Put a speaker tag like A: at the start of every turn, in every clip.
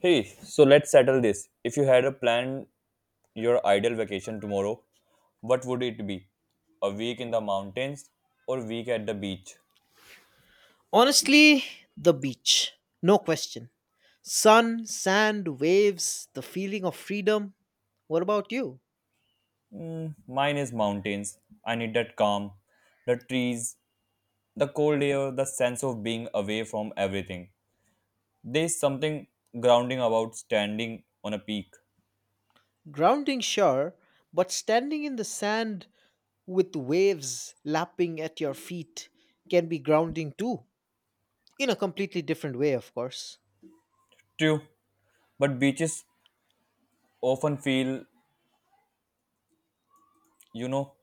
A: Hey, so let's settle this. If you had a plan your ideal vacation tomorrow, what would it be? A week in the mountains or week at the beach?
B: Honestly, the beach. No question. Sun, sand, waves, the feeling of freedom. What about you?
A: Mm, mine is mountains. I need that calm, the trees, the cold air, the sense of being away from everything. There's something grounding about standing on a peak.
B: Grounding, sure, but standing in the sand with waves lapping at your feet can be grounding too. In a completely different way, of course.
A: True, but beaches often feel, you know,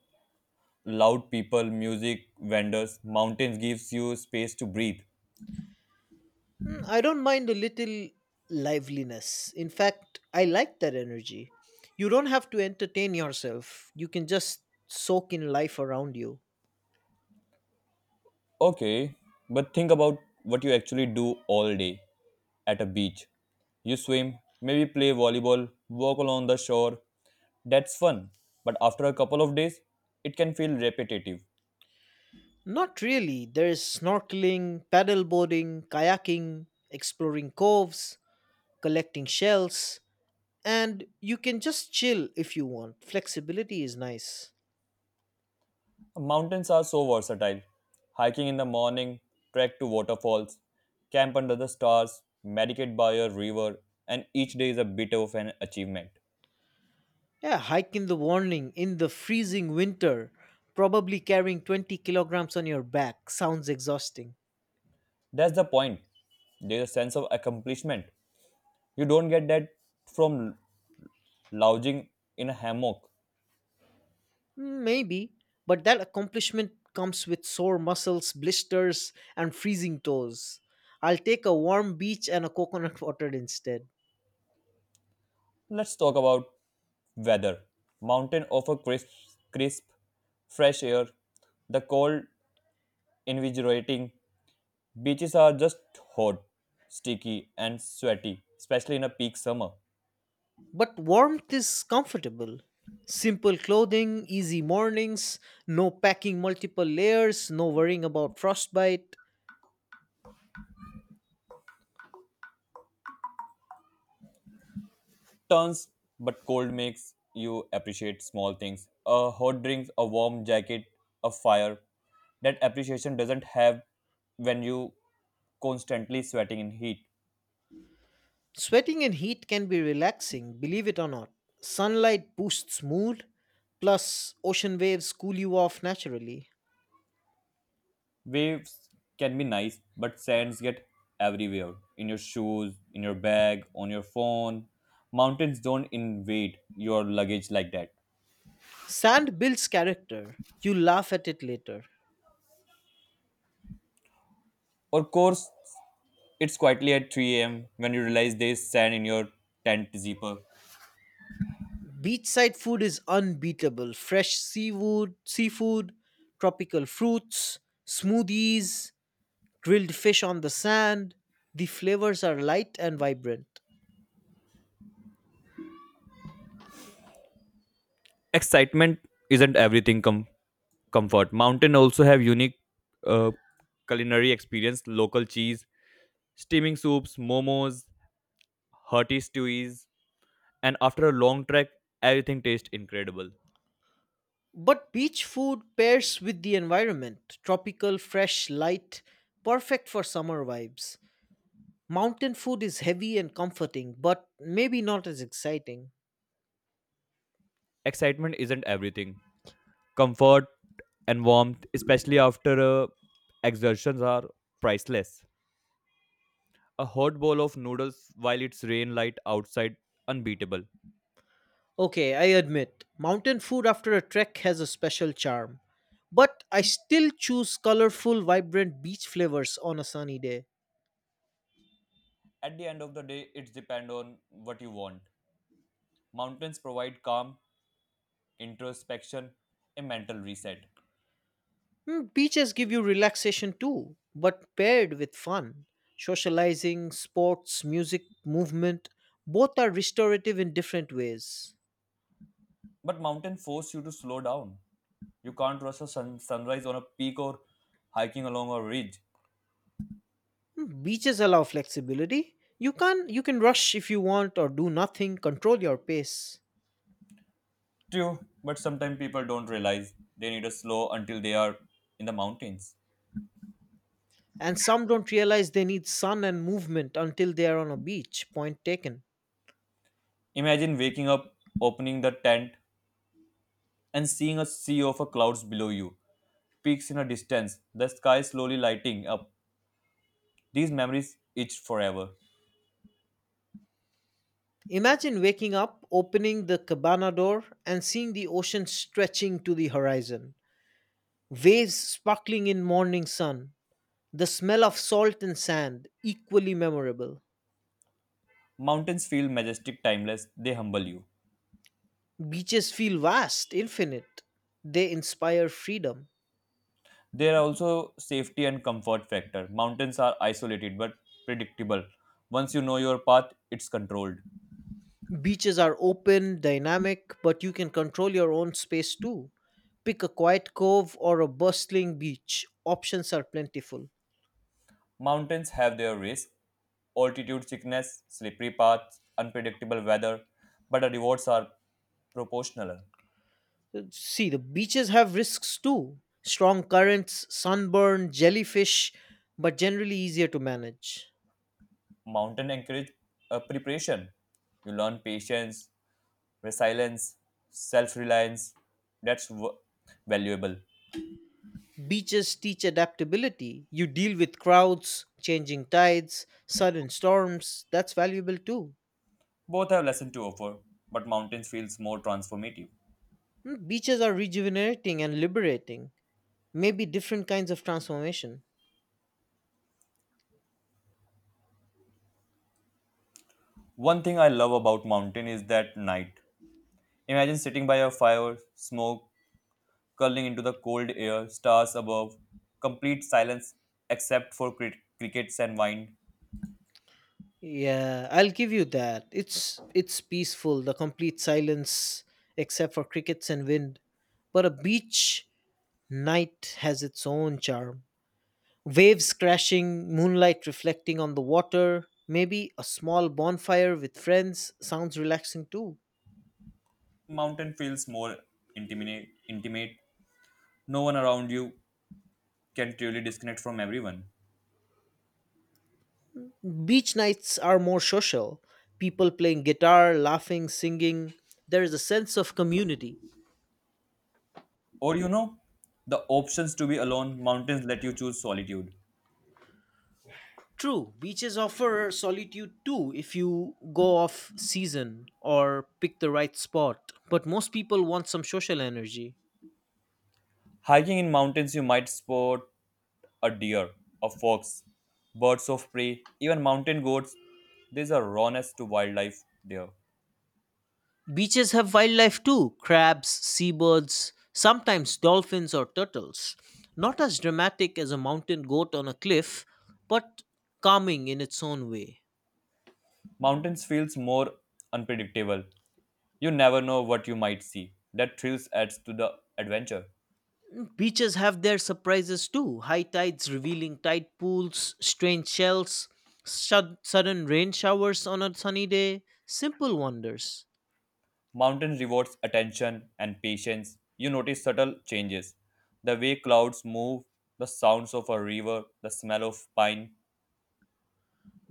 A: loud people, music, vendors. Mountains gives you space to breathe.
B: I don't mind a little liveliness. In fact, I like that energy. You don't have to entertain yourself, you can just soak in life around you.
A: Okay, but think about what you actually do all day at a beach. You swim, maybe play volleyball, walk along the shore. That's fun, but after a couple of days, it can feel repetitive.
B: Not really. There is snorkeling, paddleboarding, kayaking, exploring coves, collecting shells, and you can just chill if you want. Flexibility is nice.
A: Mountains are so versatile. Hiking in the morning, trek to waterfalls, camp under the stars, meditate by a river, and each day is a bit of an achievement.
B: Yeah, hike in the morning in the freezing winter, probably carrying 20 kilograms on your back sounds exhausting.
A: That's the point. There's a sense of accomplishment. You don't get that from lounging in a hammock.
B: Maybe, but that accomplishment comes with sore muscles, blisters, and freezing toes. I'll take a warm beach and a coconut water instead.
A: Let's talk about weather. Mountain offer crisp, fresh air. The cold, invigorating. Beaches are just hot, sticky, and sweaty, especially in a peak summer.
B: But warmth is comfortable. Simple clothing, easy mornings, no packing multiple layers, no worrying about frostbite.
A: Turns, but cold makes you appreciate small things. A hot drink, a warm jacket, a fire. That appreciation doesn't have when you constantly sweating in heat.
B: Sweating in heat can be relaxing, believe it or not. Sunlight boosts mood, plus, ocean waves cool you off naturally.
A: Waves can be nice, but sands get everywhere in your shoes, in your bag, on your phone. Mountains don't invade your luggage like that.
B: Sand builds character, you laugh at it later.
A: Of course, it's quietly at 3 a.m. when you realize there's sand in your tent zipper.
B: Beachside food is unbeatable fresh seafood, tropical fruits, smoothies, grilled fish on the sand. The flavors are light and vibrant.
A: Excitement isn't everything comfort. Mountain also have unique uh, culinary experience, local cheese, steaming soups, momos, hearty stews, and after a long trek, everything tastes incredible.
B: But beach food pairs with the environment tropical, fresh, light, perfect for summer vibes. Mountain food is heavy and comforting, but maybe not as exciting.
A: Excitement isn't everything. Comfort and warmth, especially after exertions, are priceless. A hot bowl of noodles while it's rain light outside, unbeatable.
B: Okay, I admit, mountain food after a trek has a special charm. But I still choose colorful, vibrant beach flavors on a sunny day.
A: At the end of the day, it's depend on what you want. Mountains provide calm, introspection, a mental reset.
B: Beaches give you relaxation too, but paired with fun. Socializing, sports, music, movement, both are restorative in different ways.
A: But mountain force you to slow down. You can't rush a sunrise on a peak or hiking along a ridge.
B: Beaches allow flexibility. You can rush if you want or do nothing, control your pace.
A: True, but sometimes people don't realize they need a slow until they are in the mountains.
B: And some don't realize they need sun and movement until they are on a beach. Point taken.
A: Imagine waking up, opening the tent, and seeing a sea of clouds below you, peaks in a distance, the sky slowly lighting up. These memories itch forever.
B: Imagine waking up, opening the cabana door, and seeing the ocean stretching to the horizon, waves sparkling in morning sun. The smell of salt and sand, equally memorable.
A: Mountains feel majestic, timeless, they humble you.
B: Beaches feel vast, infinite. They inspire freedom.
A: There are also safety and comfort factor. Mountains are isolated but predictable. Once you know your path, it's controlled.
B: Beaches are open, dynamic, but you can control your own space too. Pick a quiet cove or a bustling beach. Options are plentiful.
A: Mountains have their risks, altitude sickness, slippery paths, unpredictable weather, but the rewards are proportional.
B: See, the beaches have risks too strong currents, sunburn, jellyfish, but generally easier to manage.
A: Mountain encourage preparation. You learn patience, resilience, self reliance. That's valuable.
B: Beaches teach adaptability. You deal with crowds, changing tides, sudden storms. That's valuable too.
A: Both have lesson to offer, but mountains feels more transformative.
B: Beaches are rejuvenating and liberating. Maybe different kinds of transformation.
A: One thing I love about mountain is that night. Imagine sitting by a fire, smoke curling into the cold air, stars above, complete silence except for crickets and wind.
B: Yeah, I'll give you that. It's peaceful, the complete silence except for crickets and wind. But a beach night has its own charm. Waves crashing, moonlight reflecting on the water, maybe a small bonfire with friends sounds relaxing too.
A: Mountain feels more intimate. No one around you can truly disconnect from everyone.
B: Beach nights are more social. People playing guitar, laughing, singing. There is a sense of community.
A: Or the options to be alone, mountains let you choose solitude.
B: True, beaches offer solitude too if you go off season or pick the right spot. But most people want some social energy.
A: Hiking in mountains, you might spot a deer, a fox, birds of prey, even mountain goats. There's a rawness to wildlife there.
B: Beaches have wildlife too crabs, seabirds, sometimes dolphins or turtles. Not as dramatic as a mountain goat on a cliff, but calming in its own way.
A: Mountains feels more unpredictable. You never know what you might see. That thrills adds to the adventure.
B: Beaches have their surprises too. High tides revealing tide pools, strange shells, sudden rain showers on a sunny day. Simple wonders.
A: Mountain rewards attention and patience. You notice subtle changes. The way clouds move, the sounds of a river, the smell of pine.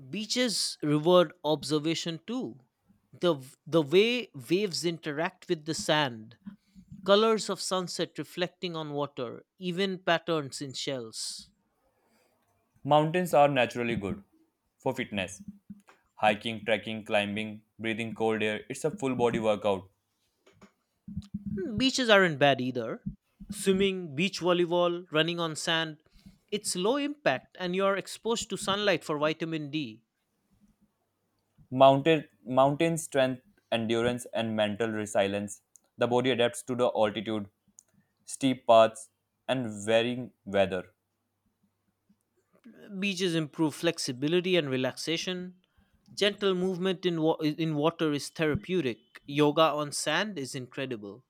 B: Beaches reward observation too. The, the way waves interact with the sand, colors of sunset reflecting on water, even patterns in shells.
A: Mountains are naturally good for fitness. Hiking, trekking, climbing, breathing cold air, it's a full body workout.
B: Beaches aren't bad either. Swimming, beach volleyball, running on sand. It's low impact and you're exposed to sunlight for vitamin D.
A: Mountain strength, endurance, and mental resilience. The body adapts to the altitude, steep paths, and varying weather.
B: Beaches improve flexibility and relaxation. Gentle movement in water is therapeutic. Yoga on sand is incredible.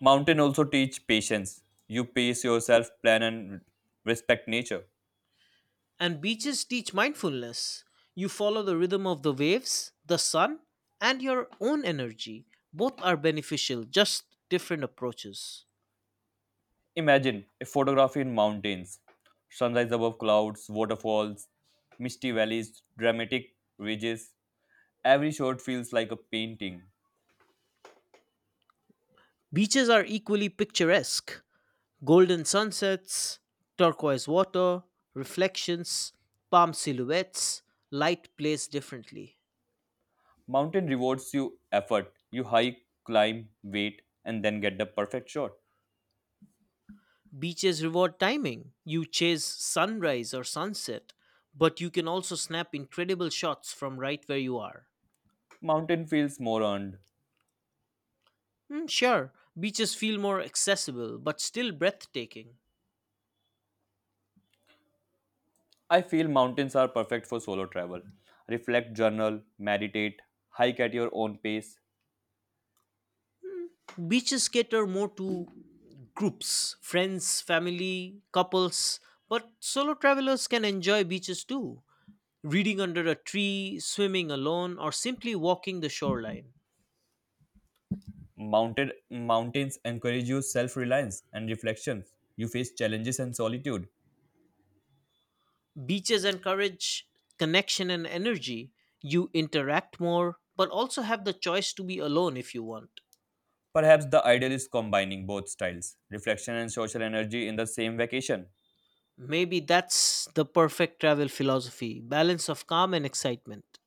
A: Mountain also teach patience. You pace yourself, plan and respect nature.
B: And beaches teach mindfulness. You follow the rhythm of the waves, the sun, and your own energy. Both are beneficial, just different approaches.
A: Imagine a photography in mountains. Sunrise above clouds, waterfalls, misty valleys, dramatic ridges. Every shot feels like a painting.
B: Beaches are equally picturesque. Golden sunsets, turquoise water, reflections, palm silhouettes, light plays differently.
A: Mountain rewards you effort. You hike, climb, wait, and then get the perfect shot.
B: Beaches reward timing. You chase sunrise or sunset, but you can also snap incredible shots from right where you are.
A: Mountain feels more earned.
B: Sure, beaches feel more accessible, but still breathtaking.
A: I feel mountains are perfect for solo travel. Reflect, journal, meditate, hike at your own pace.
B: Beaches cater more to groups, friends, family, couples, but solo travelers can enjoy beaches too. Reading under a tree, swimming alone, or simply walking the shoreline.
A: Mounted mountains encourage you self-reliance and reflection. You face challenges and solitude.
B: Beaches encourage connection and energy. You interact more, but also have the choice to be alone if you want.
A: Perhaps the ideal is combining both styles, reflection and social energy in the same vacation.
B: Maybe that's the perfect travel philosophy balance of calm and excitement.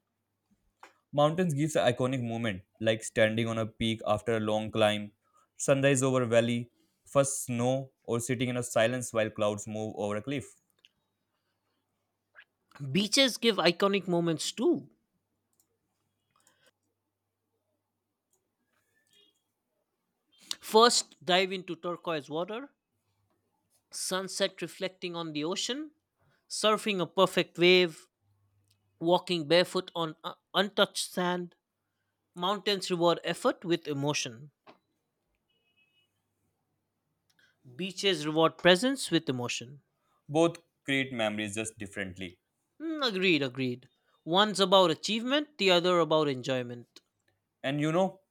A: Mountains gives an iconic moment, like standing on a peak after a long climb, sunrise over valley, first snow, or sitting in a silence while clouds move over a cliff.
B: Beaches give iconic moments too. First, dive into turquoise water, sunset reflecting on the ocean, surfing a perfect wave, walking barefoot on untouched sand. Mountains reward effort with emotion. Beaches reward presence with emotion.
A: Both create memories just differently.
B: Mm, agreed, agreed. One's about achievement, the other about enjoyment.
A: And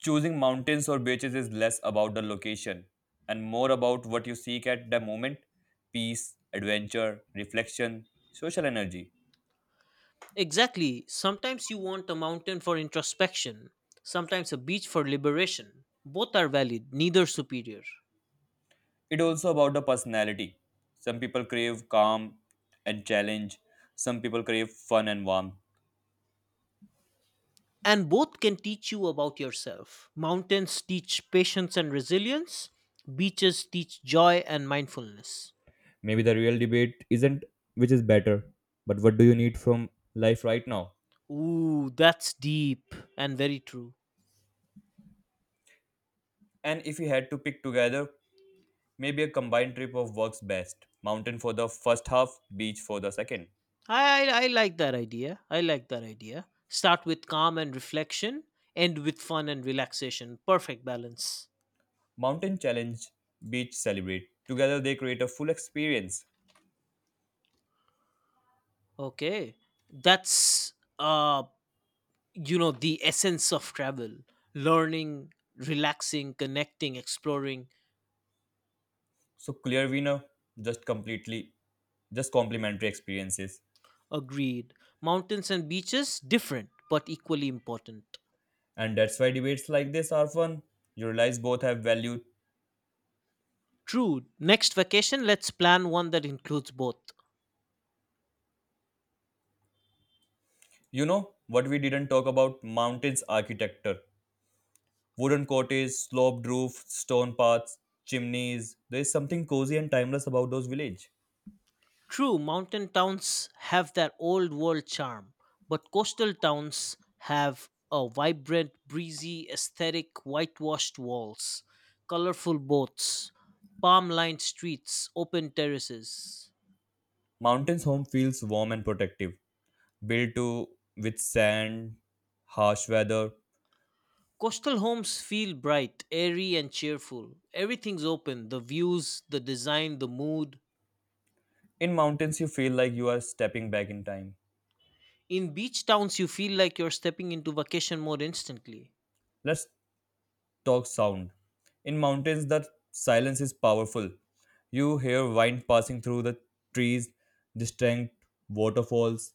A: choosing mountains or beaches is less about the location and more about what you seek at the moment, peace, adventure, reflection, social energy.
B: Exactly. Sometimes you want a mountain for introspection, sometimes a beach for liberation. Both are valid, neither superior.
A: It's also about the personality. Some people crave calm and challenge, some people crave fun and warmth.
B: And both can teach you about yourself. Mountains teach patience and resilience, beaches teach joy and mindfulness.
A: Maybe the real debate isn't which is better, but what do you need from life right now?
B: Ooh, that's deep and very true.
A: And if you had to pick together, maybe a combined trip of works best mountain for the first half, beach for the second.
B: I like that idea. I like that idea. Start with calm and reflection, end with fun and relaxation. Perfect balance.
A: Mountain challenge, beach celebrate. Together they create a full experience.
B: Okay. That's the essence of travel. Learning, relaxing, connecting, exploring.
A: So clear winner, just completely, just complementary experiences.
B: Agreed. Mountains and beaches different but equally important.
A: And that's why debates like this are fun. You realize both have value.
B: True. Next vacation let's plan one that includes both.
A: You know what we didn't talk about? Mountains architecture. Wooden cottages, sloped roof, stone paths, chimneys. There is something cozy and timeless about those villages.
B: True, mountain towns have their old world charm, but coastal towns have a vibrant, breezy aesthetic, whitewashed walls, colorful boats, palm lined streets, open terraces.
A: Mountain's home feels warm and protective, built to with sand, harsh weather.
B: Coastal homes feel bright, airy, and cheerful. Everything's open the views, the design, the mood.
A: In mountains, you feel like you are stepping back in time.
B: In beach towns, you feel like you're stepping into vacation mode instantly.
A: Let's talk sound. In mountains, the silence is powerful. You hear wind passing through the trees, distant waterfalls,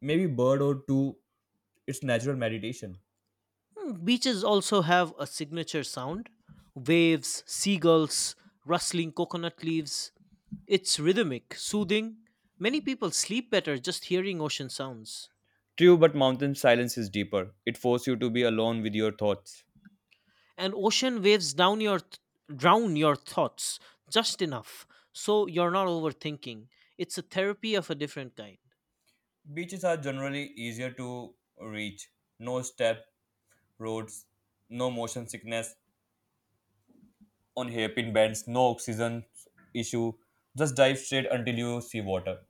A: maybe bird or two. It's natural meditation.
B: Beaches also have a signature sound waves, seagulls, rustling coconut leaves. It's rhythmic, soothing. Many people sleep better just hearing ocean sounds.
A: True, but mountain silence is deeper. It forces you to be alone with your thoughts.
B: And ocean waves down your drown your thoughts just enough so you're not overthinking. It's a therapy of a different kind.
A: Beaches are generally easier to reach. No step, roads, no motion sickness on hairpin bends, no oxygen issue. Just dive straight until you see water.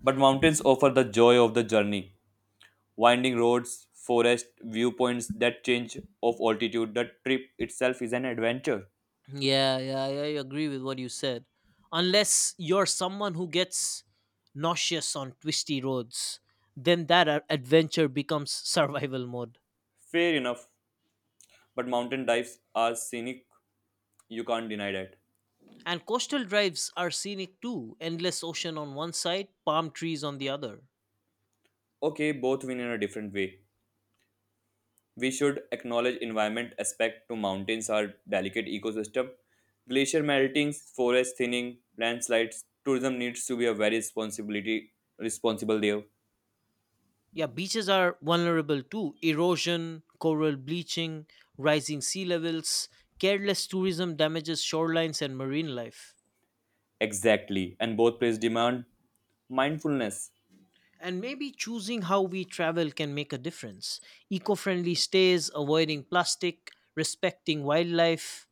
A: But mountains offer the joy of the journey. Winding roads, forest, viewpoints, that change of altitude. The trip itself is an adventure.
B: Yeah, yeah, yeah, I agree with what you said. Unless you're someone who gets nauseous on twisty roads, then that adventure becomes survival mode.
A: Fair enough. But mountain dives are scenic, you can't deny that.
B: And coastal drives are scenic too endless ocean on one side, palm trees on the other.
A: Okay, both win in a different way. We should acknowledge environment aspect to mountains are delicate ecosystem, glacier melting, forest thinning, landslides, tourism needs to be a very responsibility responsible there.
B: Yeah, beaches are vulnerable too erosion, coral bleaching, rising sea levels, careless tourism damages shorelines and marine life.
A: Exactly, and both places demand mindfulness,
B: And maybe choosing how we travel can make a difference. Eco friendly stays, avoiding plastic, respecting wildlife.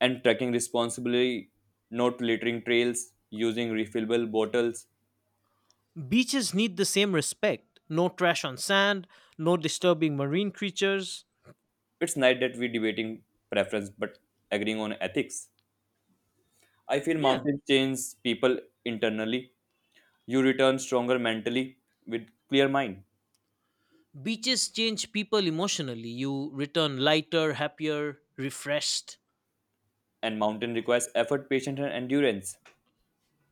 A: and trekking responsibly, not littering trails, using refillable bottles.
B: Beaches need the same respect no trash on sand, no disturbing marine creatures.
A: It's nice that we debating preference but agreeing on ethics. I feel
B: Yeah.
A: mountains change people internally. You return stronger mentally with clear mind.
B: Beaches change people emotionally. You return lighter, happier, refreshed.
A: And mountain requires effort, patience, and endurance.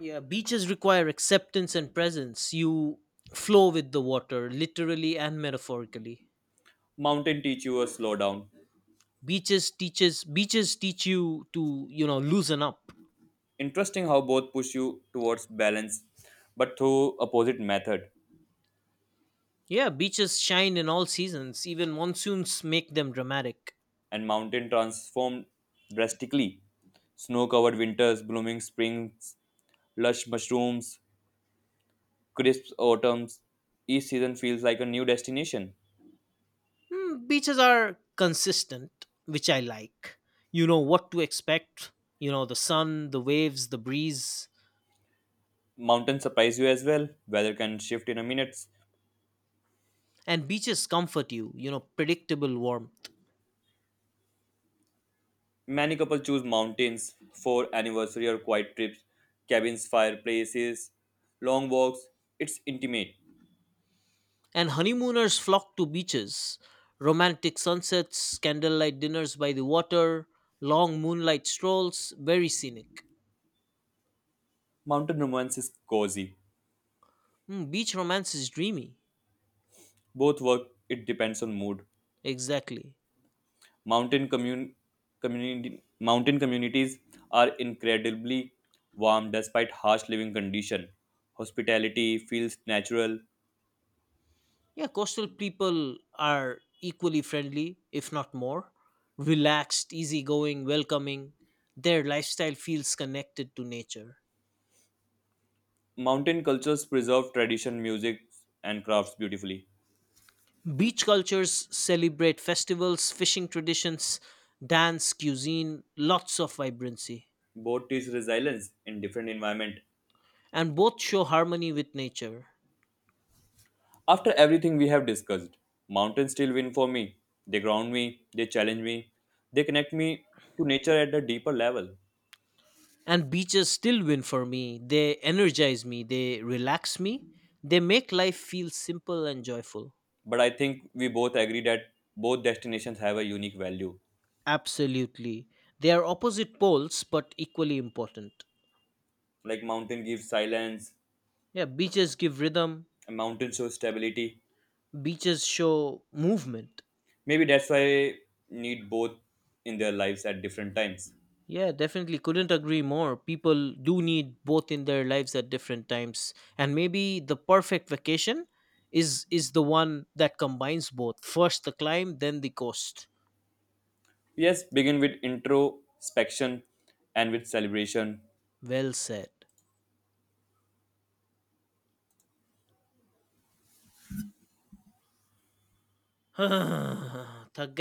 B: Yeah, beaches require acceptance and presence. You flow with the water, literally and metaphorically.
A: Mountain teach you a slow down.
B: Beaches teach you to loosen up.
A: Interesting how both push you towards balance, but through opposite method.
B: Yeah, beaches shine in all seasons. Even monsoons make them dramatic.
A: And mountain transformed drastically. Snow-covered winters, blooming springs, lush mushrooms, crisp autumns. Each season feels like a new destination.
B: Beaches are consistent, which I like. You know what to expect. The sun, the waves, the breeze.
A: Mountains surprise you as well. Weather can shift in a minute.
B: And beaches comfort you, predictable warmth.
A: Many couples choose mountains for anniversary or quiet trips, cabins, fireplaces, long walks. It's intimate.
B: And honeymooners flock to beaches. Romantic sunsets, candlelight dinners by the water, long moonlight strolls, very scenic.
A: Mountain romance is cozy.
B: Beach romance is dreamy.
A: Both work. It depends on mood.
B: Exactly.
A: Mountain commun- community mountain communities are incredibly warm despite harsh living condition. Hospitality feels natural.
B: Yeah, coastal people are equally friendly, if not more. Relaxed, easygoing, welcoming. Their lifestyle feels connected to nature.
A: Mountain cultures preserve tradition, music, and crafts beautifully.
B: Beach cultures celebrate festivals, fishing traditions, dance, cuisine, lots of vibrancy.
A: Both teach resilience in different environment.
B: And both show harmony with nature.
A: After everything we have discussed, mountains still win for me. They ground me, they challenge me, they connect me to nature at a deeper level.
B: And beaches still win for me. They energize me, they relax me, they make life feel simple and joyful.
A: But I think we both agree that both destinations have a unique value.
B: Absolutely. They are opposite poles but equally important.
A: Like mountain gives silence,
B: Yeah, beaches give rhythm,
A: and mountain shows stability.
B: beaches show movement.
A: Maybe that's why I need both in their lives at different times.
B: Yeah, definitely couldn't agree more. People do need both in their lives at different times. And maybe the perfect vacation is the one that combines both. First the climb, then the coast.
A: Yes, begin with introspection and with celebration.
B: Well said. Thug